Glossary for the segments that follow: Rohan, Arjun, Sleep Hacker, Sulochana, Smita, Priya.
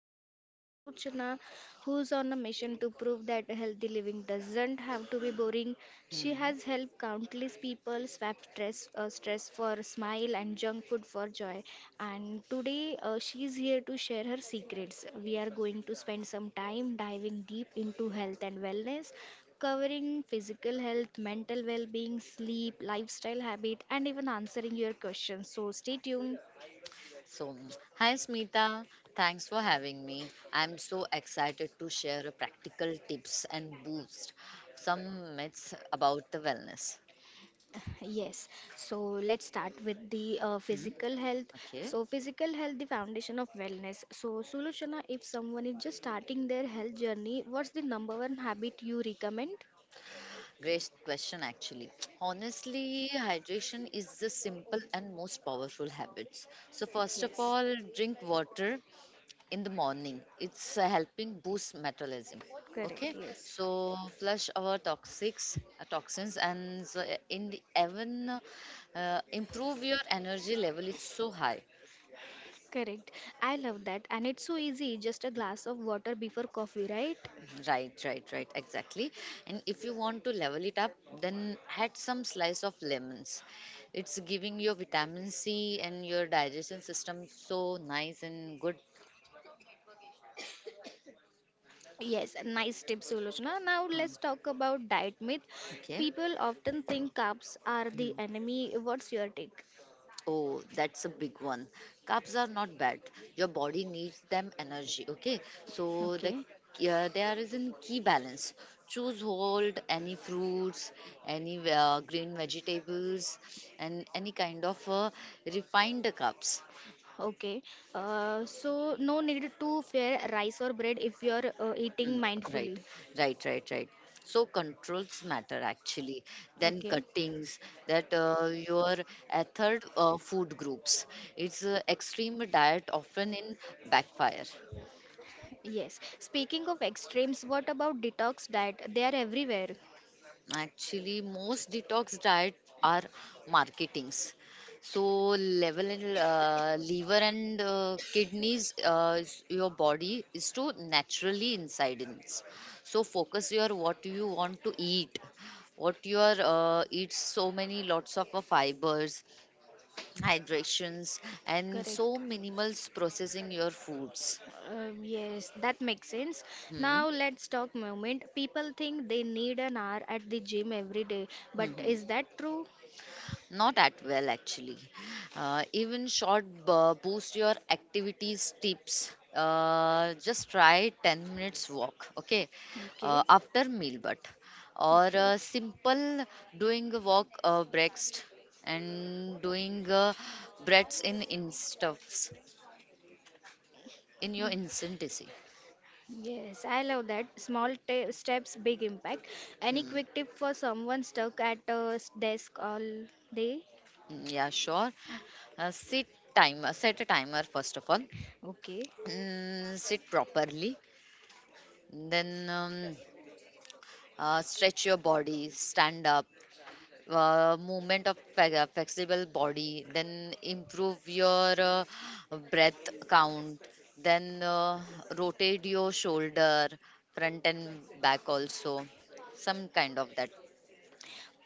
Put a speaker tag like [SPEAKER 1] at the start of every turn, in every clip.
[SPEAKER 1] special guest Sulochana who's on a mission to prove that healthy living doesn't have to be boring. She
[SPEAKER 2] Hmm.
[SPEAKER 1] has helped countless people swap stress for smile and junk food for joy. And today she is here to share her secrets. We are going to spend some time diving deep into health and wellness covering physical health, mental well being, sleep, lifestyle habit, and even answering your questions. So stay tuned.
[SPEAKER 2] So, hi Smita, thanks for having me. I'm so excited to share a practical tips and boost some myths about the wellness.
[SPEAKER 1] Yes, so let's start with the
[SPEAKER 2] Hmm.
[SPEAKER 1] physical health.
[SPEAKER 2] Okay,
[SPEAKER 1] So, physical health, the foundation of wellness. So, Sulochana, if someone is just starting their health journey, what's the number one habit you recommend?
[SPEAKER 2] great question actually. Honestly, hydration is the simple and most powerful habits. So first of
[SPEAKER 1] Yes,
[SPEAKER 2] all, drink water in the morning. It's helping boost metabolism.
[SPEAKER 1] correct.
[SPEAKER 2] Okay,
[SPEAKER 1] Yes,
[SPEAKER 2] so flush our toxics, toxins, and in the even improve your energy level. It's so high.
[SPEAKER 1] correct. I love that. And it's so easy, just a glass of water before coffee, right?
[SPEAKER 2] Mhm. Right, right, right, exactly. And if you want to level it up, then add some slice of lemons. It's giving your vitamin C and your digestion system so nice and good.
[SPEAKER 1] Yes, nice tip, Sulochana. Now
[SPEAKER 2] Mm,
[SPEAKER 1] let's talk about diet myth.
[SPEAKER 2] okay.
[SPEAKER 1] People often think carbs are the
[SPEAKER 2] Hmm.
[SPEAKER 1] enemy. What's your take?
[SPEAKER 2] Oh, that's a big one. Carbs are not bad. Your body needs them energy. Okay, so
[SPEAKER 1] Okay.
[SPEAKER 2] there is a key balance. Choose hold any fruits, any green vegetables, and any kind of refined carbs.
[SPEAKER 1] Okay, so no need to fear rice or bread if you're
[SPEAKER 2] Mm,
[SPEAKER 1] eating
[SPEAKER 2] right,
[SPEAKER 1] mindfully.
[SPEAKER 2] right, right, right. So controls matter actually. Then
[SPEAKER 1] Okay,
[SPEAKER 2] cuttings that your ethered food groups. It's extreme diet often in backfire.
[SPEAKER 1] yes. Speaking of extremes, what about detox diet? They are everywhere.
[SPEAKER 2] Actually, most detox diet are marketings. So level and liver and kidneys, your body is to naturally inside in. It. So focus your what you want to eat, what you are eat so many lots of fibers, hydrations, and so
[SPEAKER 1] Correct.
[SPEAKER 2] minimal processing your foods.
[SPEAKER 1] Yes, that makes sense.
[SPEAKER 2] Hmm.
[SPEAKER 1] Now let's talk movement. People think they need an hour at the gym every day, but
[SPEAKER 2] Hmm, hmm.
[SPEAKER 1] is that true?
[SPEAKER 2] Not at well, actually. Even short boost your activities tips. Just try 10 minutes walk, okay,
[SPEAKER 1] Okay,
[SPEAKER 2] after meal, but or
[SPEAKER 1] okay.
[SPEAKER 2] simple doing a walk breakfast and doing breaths in stuffs in your instantacy.
[SPEAKER 1] Yes, I love that. Small ta steps, big impact. Any
[SPEAKER 2] Hmm.
[SPEAKER 1] quick tip for someone stuck at a desk all day?
[SPEAKER 2] Mm, yeah, sure. Uh, sit Set a timer first of all.
[SPEAKER 1] Okay,
[SPEAKER 2] Sit properly. Then. Stretch your body, stand up, movement of flexible body, then improve your breath count, then rotate your shoulder, front and back also, some kind of that.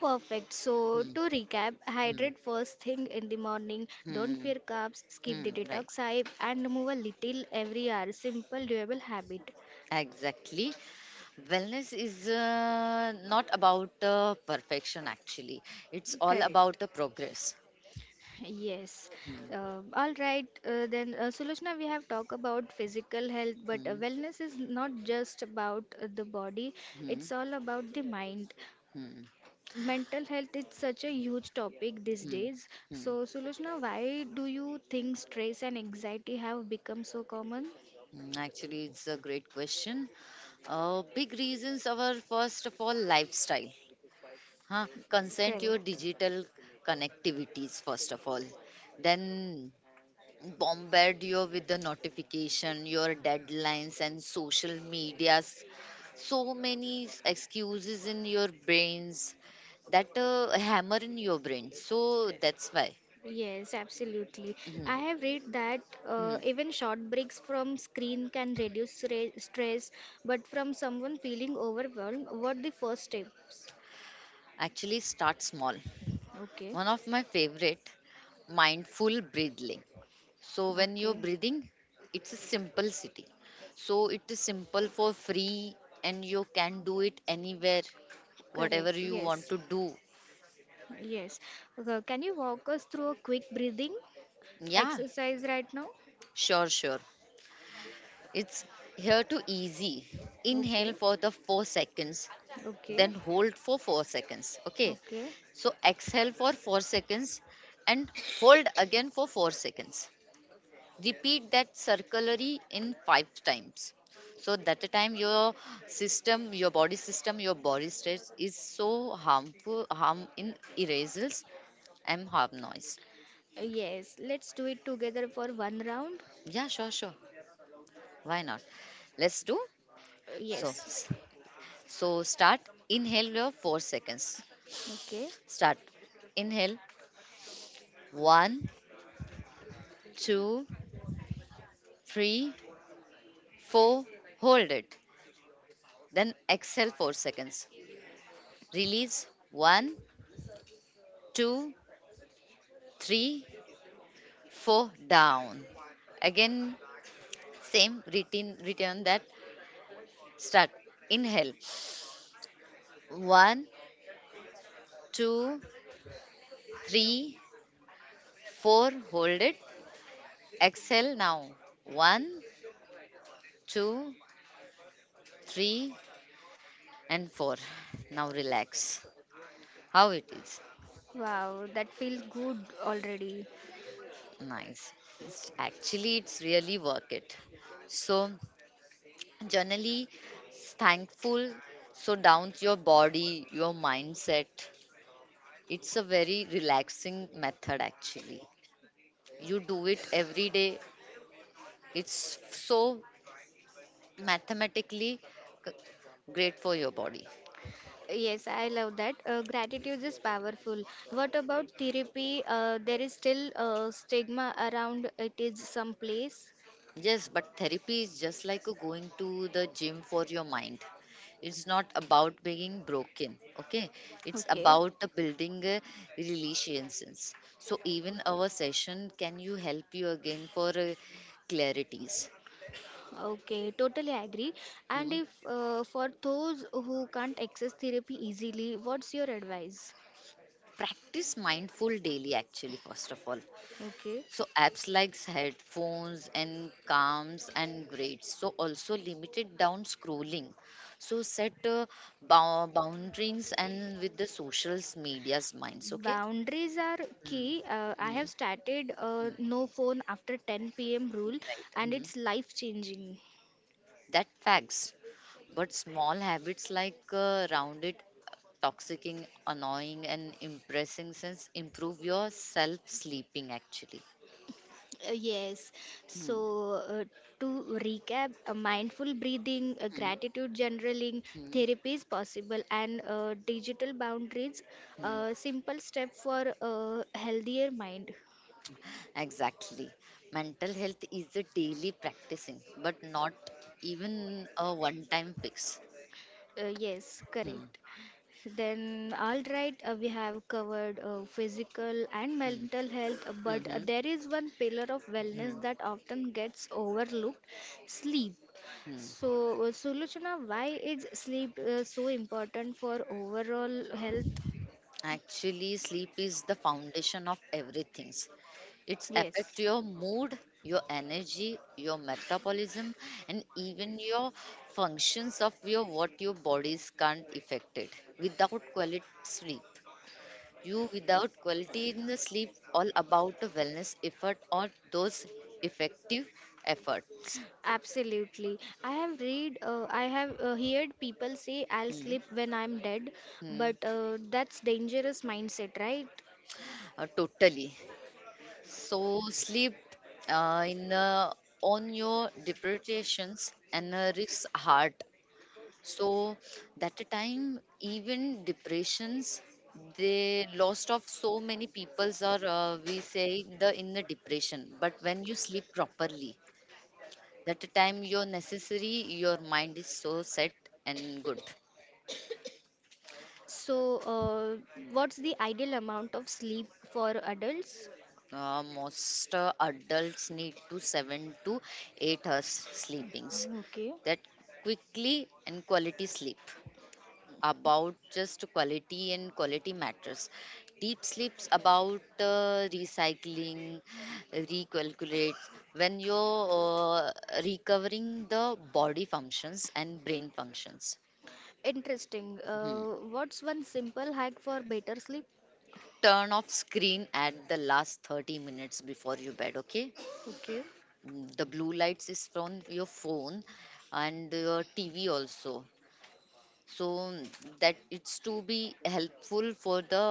[SPEAKER 1] perfect. So,
[SPEAKER 2] Hmm,
[SPEAKER 1] to recap,
[SPEAKER 2] hmm,
[SPEAKER 1] hydrate first thing in the morning, don't
[SPEAKER 2] hmm,
[SPEAKER 1] fear carbs, skip
[SPEAKER 2] hmm,
[SPEAKER 1] the
[SPEAKER 2] right,
[SPEAKER 1] detox hype, and move a little every hour. Simple, doable habit.
[SPEAKER 2] exactly. Wellness is not about perfection actually, it's all
[SPEAKER 1] Correct.
[SPEAKER 2] about the progress.
[SPEAKER 1] Yes.
[SPEAKER 2] Hmm.
[SPEAKER 1] Sulochna, we have talked about physical health, but
[SPEAKER 2] Hmm.
[SPEAKER 1] wellness is not just about the body,
[SPEAKER 2] Hmm.
[SPEAKER 1] it's all about the mind.
[SPEAKER 2] Hmm.
[SPEAKER 1] Mental health is such a huge topic these
[SPEAKER 2] Hmm,
[SPEAKER 1] days.
[SPEAKER 2] hmm.
[SPEAKER 1] So, Sulochna, why do you think stress and anxiety have become so common?
[SPEAKER 2] Actually, it's a great question. Big reasons are first of all lifestyle. Huh? Consent your
[SPEAKER 1] Correct.
[SPEAKER 2] digital connectivities first of all. Then bombard you with the notification, your deadlines and social medias. So many excuses in your brains that hammer in your brain. So that's why.
[SPEAKER 1] Yes, absolutely.
[SPEAKER 2] Mhm,
[SPEAKER 1] I have read that
[SPEAKER 2] mhm.
[SPEAKER 1] even short breaks from screen can reduce stress, but from someone feeling overwhelmed, what the first steps?
[SPEAKER 2] Actually, start small.
[SPEAKER 1] Okay.
[SPEAKER 2] One of my favorite mindful breathing, so when you're
[SPEAKER 1] Okay.
[SPEAKER 2] breathing it's a simple city, so it is simple for free and you can do it anywhere
[SPEAKER 1] Correct.
[SPEAKER 2] whatever you want
[SPEAKER 1] Yes.
[SPEAKER 2] to do.
[SPEAKER 1] Yes. Can you walk us through a quick breathing?
[SPEAKER 2] Yeah,
[SPEAKER 1] Exercise right now?
[SPEAKER 2] sure, it's here to easy. Inhale
[SPEAKER 1] Okay,
[SPEAKER 2] for the 4 seconds, then
[SPEAKER 1] okay,
[SPEAKER 2] hold for 4 seconds, okay,
[SPEAKER 1] okay.
[SPEAKER 2] so exhale for 4 seconds and hold again for 4 seconds. Repeat that circulary in 5 times, so that the time your system, your body system, your body states is so harmful, harm in erasals and harm noise.
[SPEAKER 1] Yes let's do it together for one round.
[SPEAKER 2] Yeah, sure, why not, let's do.
[SPEAKER 1] Uh,
[SPEAKER 2] so
[SPEAKER 1] Yes,
[SPEAKER 2] s- so start inhale your 4 seconds.
[SPEAKER 1] okay.
[SPEAKER 2] Start inhale, one, two, three, four, hold it, then exhale 4 seconds, release, one, two, three, four down. Again, same written return that start. Inhale. One, two, three, four. Hold it. Exhale now. One, two, three, and four. Now relax. How it is?
[SPEAKER 1] Wow, that feels good already.
[SPEAKER 2] Nice. Actually, it's really work it. So generally thankful. So down to your body, your mindset. It's a very relaxing method actually. You do it every day, it's so mathematically c- great for your body.
[SPEAKER 1] Yes I love that. Gratitude is powerful. What about therapy? There is still stigma around it is someplace.
[SPEAKER 2] Yes, but therapy is just like a going to the gym for your mind. It's not about being broken, okay, it's
[SPEAKER 1] Okay.
[SPEAKER 2] about the building a relationships, so even our session can you help you again for clarities.
[SPEAKER 1] Okay, totally agree. And
[SPEAKER 2] Mm.
[SPEAKER 1] if for those who can't access therapy easily, what's your advice?
[SPEAKER 2] Practice mindful daily actually first of all.
[SPEAKER 1] Okay.
[SPEAKER 2] So apps like headphones and calms and grades. So also limited down scrolling. So set boundaries and with the social media's minds. Okay.
[SPEAKER 1] Boundaries are
[SPEAKER 2] Mm.
[SPEAKER 1] key. I have
[SPEAKER 2] Mm.
[SPEAKER 1] started a no phone after 10 p.m. rule,
[SPEAKER 2] Right.
[SPEAKER 1] and
[SPEAKER 2] Mm.
[SPEAKER 1] it's life changing.
[SPEAKER 2] That facts. But small habits like rounded, toxicing, annoying, and impressing sense improve your self sleeping actually.
[SPEAKER 1] Yes So,
[SPEAKER 2] Mm.
[SPEAKER 1] to recap, mindful breathing, gratitude journaling,
[SPEAKER 2] Mm.
[SPEAKER 1] therapy is possible, and digital boundaries,
[SPEAKER 2] Mm.
[SPEAKER 1] simple step for a healthier mind.
[SPEAKER 2] Exactly. Mental health is a daily practicing, but not even a one time fix.
[SPEAKER 1] Yes,
[SPEAKER 2] Hmm,
[SPEAKER 1] correct. Then we have covered physical and
[SPEAKER 2] hmm,
[SPEAKER 1] mental health, uh,
[SPEAKER 2] mhm,
[SPEAKER 1] but uh,
[SPEAKER 2] mhm,
[SPEAKER 1] there is one pillar of wellness
[SPEAKER 2] hmm.
[SPEAKER 1] that often gets overlooked, sleep. So,
[SPEAKER 2] Hmm.
[SPEAKER 1] Suluchana, why is sleep so important for overall health?
[SPEAKER 2] Actually, sleep is the foundation of everything. It
[SPEAKER 1] Yes.
[SPEAKER 2] affects your mood, your energy, your metabolism, and even your functions of your what your bodies can't affect it without quality sleep. You without quality in the sleep, all about the wellness effort or those effective efforts.
[SPEAKER 1] Absolutely. I have heard people say, I'll
[SPEAKER 2] Hmm.
[SPEAKER 1] sleep when I'm dead,
[SPEAKER 2] Hmm.
[SPEAKER 1] but that's dangerous mindset, right?
[SPEAKER 2] Totally. So sleep in on your depressions and risks heart. So that time even depressions they lost of so many peoples are we say the in the depression, but when you sleep properly, that time you're necessary, your mind is so set and good.
[SPEAKER 1] So, what's the ideal amount of sleep for adults?
[SPEAKER 2] Most adults need to 7 to 8 hours sleepings.
[SPEAKER 1] Okay.
[SPEAKER 2] That quickly and quality sleep. About just quality and quality matters. Deep sleeps about recycling, recalculates when you're uh, recovering the body functions and brain functions.
[SPEAKER 1] Interesting.
[SPEAKER 2] Hmm.
[SPEAKER 1] What's one simple hack for better sleep?
[SPEAKER 2] Turn off screen at the last 30 minutes before you bed, okay.
[SPEAKER 1] Okay.
[SPEAKER 2] The blue lights is from your phone and your tv also. So that it's to be helpful for the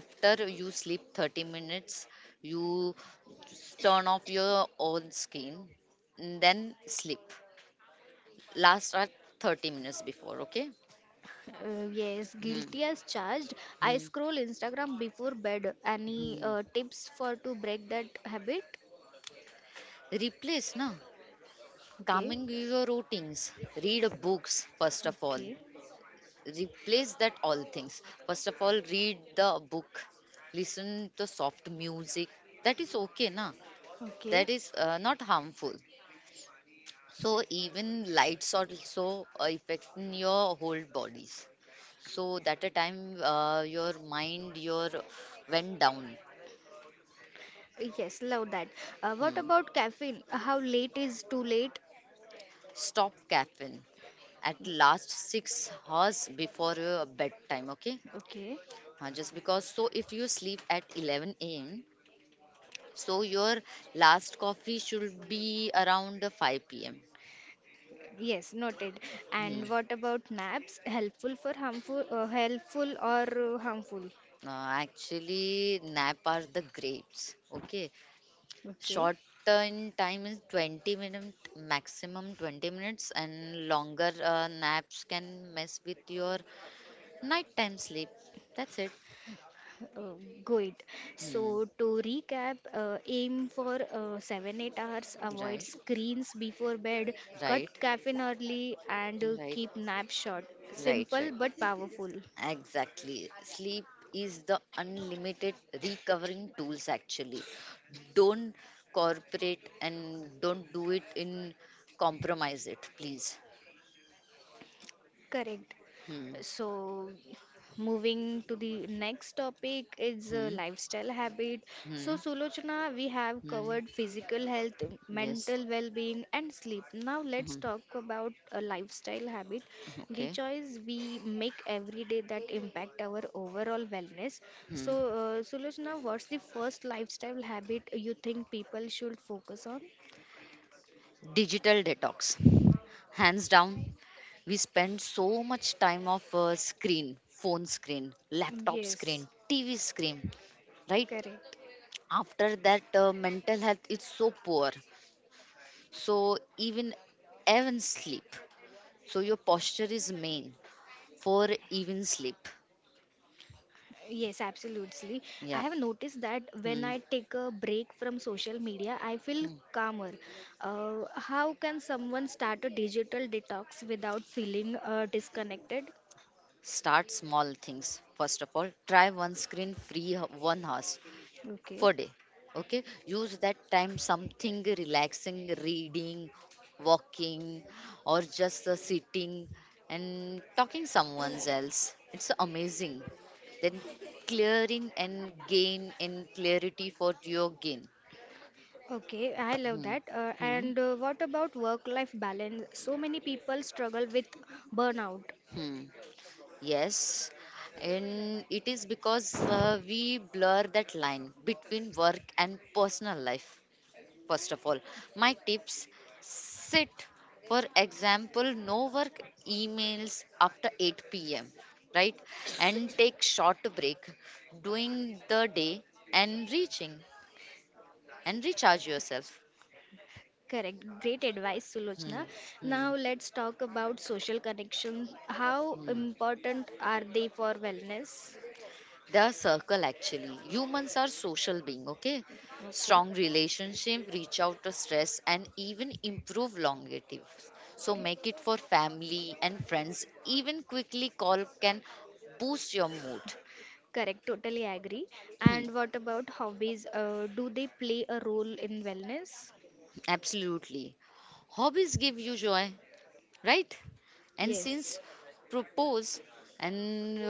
[SPEAKER 2] after you sleep 30 minutes. You just turn off your own screen and then sleep last at 30 minutes before, okay.
[SPEAKER 1] Yes,
[SPEAKER 2] Hmm.
[SPEAKER 1] guilty as charged. I
[SPEAKER 2] Hmm.
[SPEAKER 1] scroll Instagram before bed. Any
[SPEAKER 2] Hmm.
[SPEAKER 1] tips for to break that habit?
[SPEAKER 2] Replace na,
[SPEAKER 1] Okay.
[SPEAKER 2] calming your routines. Read books first of all.
[SPEAKER 1] Okay.
[SPEAKER 2] Replace that all things. First of all, read the book. Listen to soft music. That is okay, na?
[SPEAKER 1] Okay.
[SPEAKER 2] That is not harmful. So even lights also affects in your whole bodies. So that a time your mind your went down.
[SPEAKER 1] Yes, love that. What
[SPEAKER 2] Hmm.
[SPEAKER 1] about caffeine? How late is too late?
[SPEAKER 2] Stop caffeine at last 6 hours before your bedtime. Okay,
[SPEAKER 1] Okay.
[SPEAKER 2] Just because so if you sleep at 11 a.m. so your last coffee should be around 5 p.m.
[SPEAKER 1] Yes, noted.
[SPEAKER 2] Hmm.
[SPEAKER 1] And what about naps? Helpful or harmful?
[SPEAKER 2] Actually nap are the grapes. Okay.
[SPEAKER 1] Okay,
[SPEAKER 2] Short turn time is 20 minutes, maximum 20 minutes, and longer naps can mess with your nighttime sleep. That's it.
[SPEAKER 1] uh, good. So
[SPEAKER 2] Hmm.
[SPEAKER 1] to recap, aim for 7-8 hours, avoid
[SPEAKER 2] Right.
[SPEAKER 1] screens before bed, cut
[SPEAKER 2] Right.
[SPEAKER 1] caffeine early, and
[SPEAKER 2] Right.
[SPEAKER 1] keep nap short.
[SPEAKER 2] Right.
[SPEAKER 1] Simple
[SPEAKER 2] Right.
[SPEAKER 1] but powerful.
[SPEAKER 2] Exactly. Sleep is the unlimited recovering tools actually. Don't corporate and don't do it in compromise it, please.
[SPEAKER 1] Correct.
[SPEAKER 2] Hmm.
[SPEAKER 1] So, moving to the next topic is
[SPEAKER 2] Hmm.
[SPEAKER 1] lifestyle habit. So,
[SPEAKER 2] Hmm.
[SPEAKER 1] Sulochana, we have
[SPEAKER 2] Hmm.
[SPEAKER 1] covered physical health,
[SPEAKER 2] Yes.
[SPEAKER 1] mental well-being, and sleep. Now, let's
[SPEAKER 2] Hmm.
[SPEAKER 1] talk about a lifestyle habit, the
[SPEAKER 2] Okay.
[SPEAKER 1] choice we make every day that impact our overall wellness.
[SPEAKER 2] Hmm.
[SPEAKER 1] So, Sulochana, what's the first lifestyle habit you think people should focus on?
[SPEAKER 2] Digital detox. Hands down, we spend so much time of screen, phone screen, laptop
[SPEAKER 1] Yes,
[SPEAKER 2] screen, TV screen, right?
[SPEAKER 1] correct.
[SPEAKER 2] After that, mental health is so poor, so even even sleep, so your posture is main for even sleep,
[SPEAKER 1] Yes, absolutely. I
[SPEAKER 2] yeah.
[SPEAKER 1] have noticed that when
[SPEAKER 2] Hmm.
[SPEAKER 1] I take a break from social media, I feel
[SPEAKER 2] Hmm.
[SPEAKER 1] calmer. How can someone start a digital detox without feeling disconnected?
[SPEAKER 2] Start small things. First of all try one screen free 1 hours
[SPEAKER 1] Okay.
[SPEAKER 2] per day, okay. Use that time something relaxing, reading, walking, or just sitting and talking someone else, it's amazing. Then clearing and gain and clarity for your gain.
[SPEAKER 1] Okay, I love
[SPEAKER 2] Hmm.
[SPEAKER 1] that. Uh,
[SPEAKER 2] Hmm.
[SPEAKER 1] and uh, what about work life balance? So many people struggle with burnout.
[SPEAKER 2] Hmm. Yes, and it is because we blur that line between work and personal life. First of all, my tips sit. For example, no work emails after 8 p.m., right? And take short break during the day and reaching and recharge yourself.
[SPEAKER 1] Correct. Great advice,
[SPEAKER 2] Hmm.
[SPEAKER 1] Sulochna.
[SPEAKER 2] Hmm.
[SPEAKER 1] Now let's talk about social connections. How
[SPEAKER 2] Hmm.
[SPEAKER 1] important are they for wellness?
[SPEAKER 2] The circle actually humans are social being, okay.
[SPEAKER 1] Okay.
[SPEAKER 2] Strong relationship reach out to stress and even improve longevity, so make it for family and friends, even quickly call can boost your mood.
[SPEAKER 1] Correct, totally agree.
[SPEAKER 2] Hmm,
[SPEAKER 1] And what about hobbies? Do they play a role in wellness?
[SPEAKER 2] absolutely, hobbies give you joy, right? And
[SPEAKER 1] Yes,
[SPEAKER 2] since propose and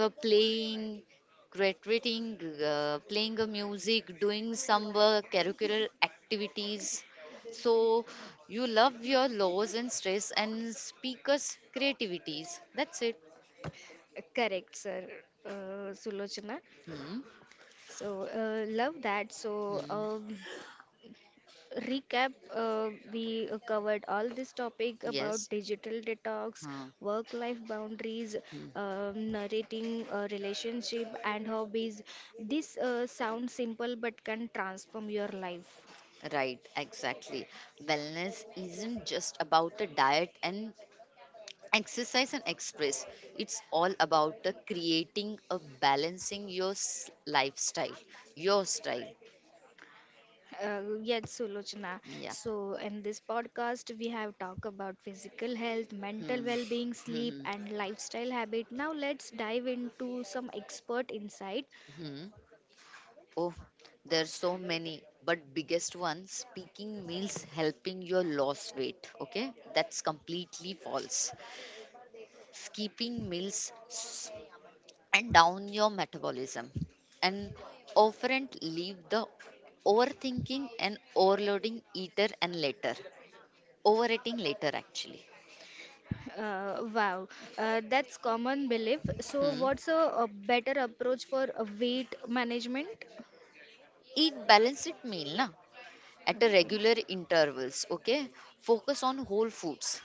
[SPEAKER 2] playing, graduating, playing a music, doing some curricular activities. So you love your laws and stress and speakers' creativities. That's it.
[SPEAKER 1] correct, sir. Sulochana.
[SPEAKER 2] Hmm.
[SPEAKER 1] So, love that. So,
[SPEAKER 2] Hmm.
[SPEAKER 1] recap we covered all this topic
[SPEAKER 2] Yes.
[SPEAKER 1] about digital detox,
[SPEAKER 2] Huh.
[SPEAKER 1] work life boundaries,
[SPEAKER 2] Hmm.
[SPEAKER 1] narrating relationship, and hobbies. This sounds simple but can transform your life.
[SPEAKER 2] Right, exactly. Wellness isn't just about a diet and exercise and express, it's all about the creating a balancing your lifestyle your style.
[SPEAKER 1] Yes, Sulochana.
[SPEAKER 2] Yeah.
[SPEAKER 1] So, in this podcast, we have talked about physical health, mental
[SPEAKER 2] Hmm.
[SPEAKER 1] well-being, sleep,
[SPEAKER 2] Hmm.
[SPEAKER 1] and lifestyle habit. Now, let's dive into some expert insight.
[SPEAKER 2] Hmm. Oh, there's so many, but biggest one speaking meals helping your loss weight, okay, that's completely false. Skipping meals and down your metabolism and often leave the overthinking and overloading eater and later. Overeating later, actually.
[SPEAKER 1] Wow, that's common belief. So, what's
[SPEAKER 2] Hmm.
[SPEAKER 1] a better approach for weight management?
[SPEAKER 2] Eat balanced meal na, at a
[SPEAKER 1] Okay.
[SPEAKER 2] regular intervals. Okay. Focus on whole foods,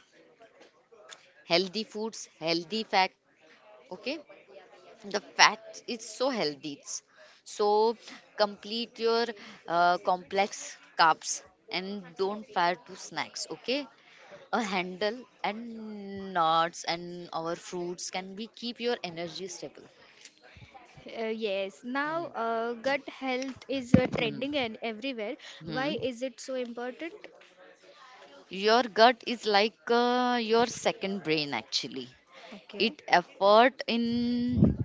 [SPEAKER 2] healthy foods, healthy fat. Okay. The fat is so healthy. It's so complete your complex carbs and don't fire to snacks. Okay. A handle and nuts and our fruits can be keep your energy stable.
[SPEAKER 1] Yes, now gut health is
[SPEAKER 2] Hmm.
[SPEAKER 1] trending and everywhere. Why
[SPEAKER 2] Hmm.
[SPEAKER 1] is it so important?
[SPEAKER 2] Your gut is like your second brain actually.
[SPEAKER 1] Okay.
[SPEAKER 2] It effort in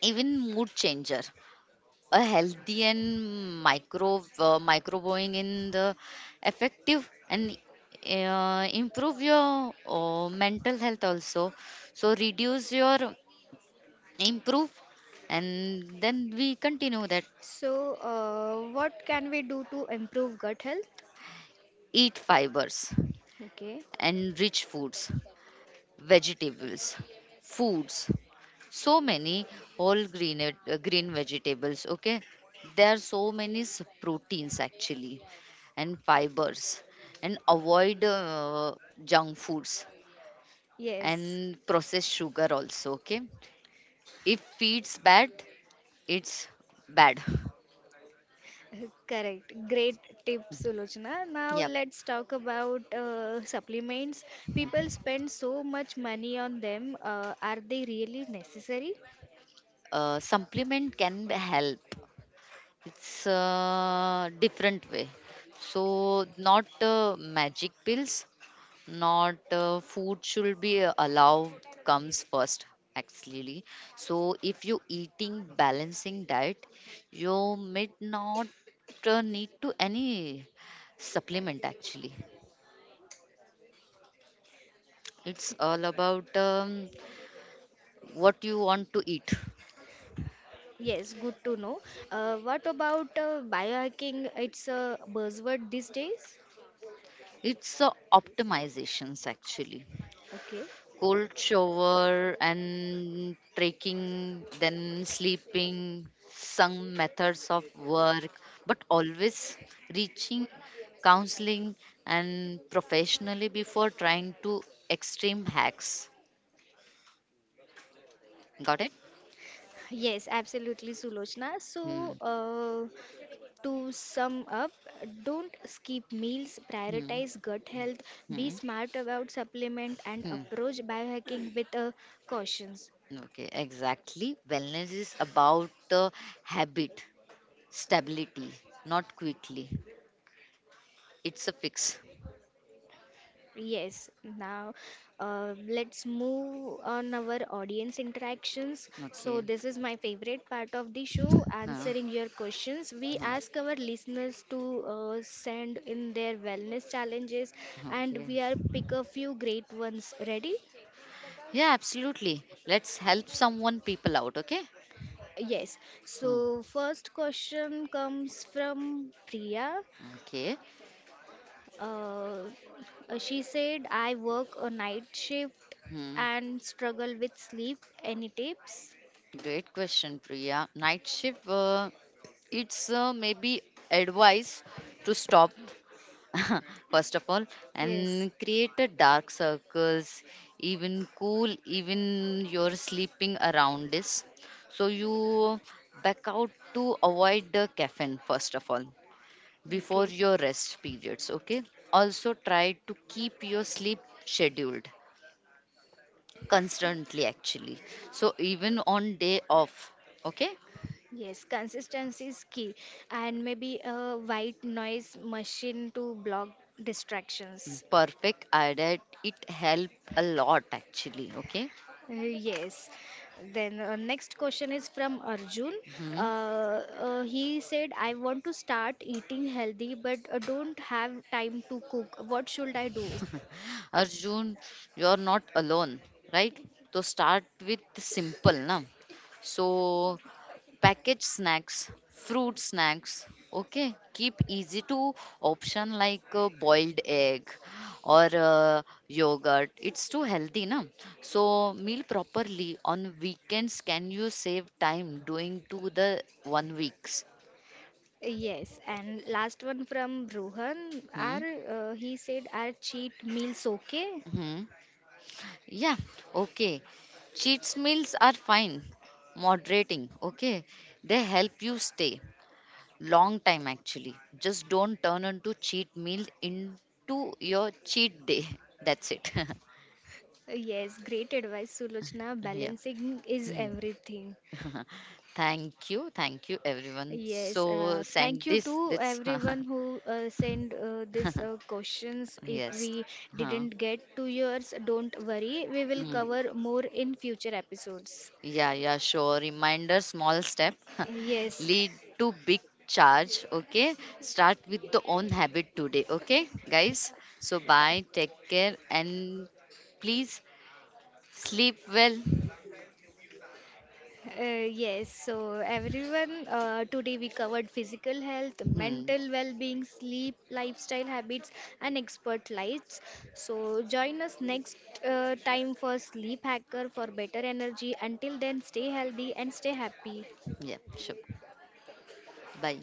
[SPEAKER 2] even mood changer. A healthy and microbiome in the effective and improve your mental health also. So reduce your improve and then we continue that.
[SPEAKER 1] So, what can we do to improve gut health?
[SPEAKER 2] Eat fibers
[SPEAKER 1] Okay.
[SPEAKER 2] and rich foods, vegetables, foods, so many all green green vegetables, okay, there are so many proteins actually and fibers, and avoid junk foods
[SPEAKER 1] Yes,
[SPEAKER 2] and processed sugar also, okay, if feeds bad it's bad.
[SPEAKER 1] correct. Great tip, Sulochana. Now
[SPEAKER 2] Yep.
[SPEAKER 1] let's talk about supplements. People spend so much money on them. Are they really necessary?
[SPEAKER 2] Supplement can be help. It's a different way, so not magic pills, not food should be allowed, comes first actually. So if you eating balancing diet you may not need to any supplement actually, it's all about what you want to eat.
[SPEAKER 1] Yes, good to know. What about biohacking? It's a buzzword these days.
[SPEAKER 2] It's optimizations actually.
[SPEAKER 1] Okay.
[SPEAKER 2] Cold shower and trekking, then sleeping, some methods of work, but always reaching counseling and professionally before trying to extreme hacks. Got it?
[SPEAKER 1] Yes, absolutely, Sulochana.
[SPEAKER 2] Hmm.
[SPEAKER 1] So, to sum up, don't skip meals,
[SPEAKER 2] Hmm.
[SPEAKER 1] prioritize gut health, be
[SPEAKER 2] Hmm.
[SPEAKER 1] smart about supplement and
[SPEAKER 2] Hmm.
[SPEAKER 1] approach biohacking with a cautions.
[SPEAKER 2] Okay, exactly. Wellness is about habit, stability, not quickly. It's a fix.
[SPEAKER 1] Yes, now let's move on our audience interactions. So
[SPEAKER 2] Okay.
[SPEAKER 1] this is my favorite part of the show,
[SPEAKER 2] Huh.
[SPEAKER 1] answering your questions. We
[SPEAKER 2] Huh.
[SPEAKER 1] ask our listeners to send in their wellness challenges and
[SPEAKER 2] Okay.
[SPEAKER 1] we are pick a few great ones. Ready?
[SPEAKER 2] Yeah, absolutely. Let's help someone people out, okay?
[SPEAKER 1] Yes.
[SPEAKER 2] Hmm,
[SPEAKER 1] So first question comes from Priya.
[SPEAKER 2] okay.
[SPEAKER 1] Uh, she said, "I work a night shift
[SPEAKER 2] Hmm.
[SPEAKER 1] and struggle with sleep. Any tips?"
[SPEAKER 2] Great question, Priya. Night shift, it's maybe advice to stop, first of all,
[SPEAKER 1] Yes.
[SPEAKER 2] and create a dark circles, even cool, even your sleeping around is. So you back out to avoid the caffeine, first of all, before
[SPEAKER 1] Okay.
[SPEAKER 2] your rest periods, okay. Also try to keep your sleep scheduled constantly actually, so even on day off, okay.
[SPEAKER 1] Yes, consistency is key, and maybe a white noise machine to block
[SPEAKER 2] Mm,
[SPEAKER 1] distractions.
[SPEAKER 2] perfect, I did it help a lot actually, okay.
[SPEAKER 1] Yes Then next question is from Arjun. Uh,
[SPEAKER 2] Hmm.
[SPEAKER 1] he said, I want to start eating healthy, but don't have time to cook. What should I do?
[SPEAKER 2] Arjun, you're not alone, right? So start with simple, na? So package snacks, fruit snacks. Okay, keep easy to option like boiled egg or yogurt. It's too healthy, na? So meal properly on weekends. Can you save time doing to the 1 weeks?
[SPEAKER 1] Yes. And last one from Rohan.
[SPEAKER 2] Hmm?
[SPEAKER 1] Are He said, are cheat meals okay?
[SPEAKER 2] Hmm? Yeah, okay. Cheats meals are fine. Moderating, okay. They help you stay long time actually. Just don't turn into cheat meal into your cheat day. That's it.
[SPEAKER 1] Yes Great advice, Sulochna.
[SPEAKER 2] Yeah.
[SPEAKER 1] Balancing is
[SPEAKER 2] Mm.
[SPEAKER 1] everything.
[SPEAKER 2] Thank you. Thank you everyone.
[SPEAKER 1] Yes,
[SPEAKER 2] So send
[SPEAKER 1] thank you
[SPEAKER 2] this
[SPEAKER 1] to
[SPEAKER 2] this
[SPEAKER 1] everyone who sent these questions. If
[SPEAKER 2] yes.
[SPEAKER 1] we
[SPEAKER 2] Huh.
[SPEAKER 1] didn't get to yours, don't worry, we will
[SPEAKER 2] Mm.
[SPEAKER 1] cover more in future episodes.
[SPEAKER 2] Yeah, yeah, sure. Reminder, small step
[SPEAKER 1] Yes,
[SPEAKER 2] lead to big charge. Okay. Start with the own habit today. Okay, guys. So bye, take care, and please sleep well.
[SPEAKER 1] uh, yes. So, everyone, today we covered physical health,
[SPEAKER 2] Hmm.
[SPEAKER 1] mental well being, sleep, lifestyle habits, and expert lights. So, join us next time for Sleep Hacker for better energy. Until then, stay healthy and stay happy.
[SPEAKER 2] Yeah, sure. Bye.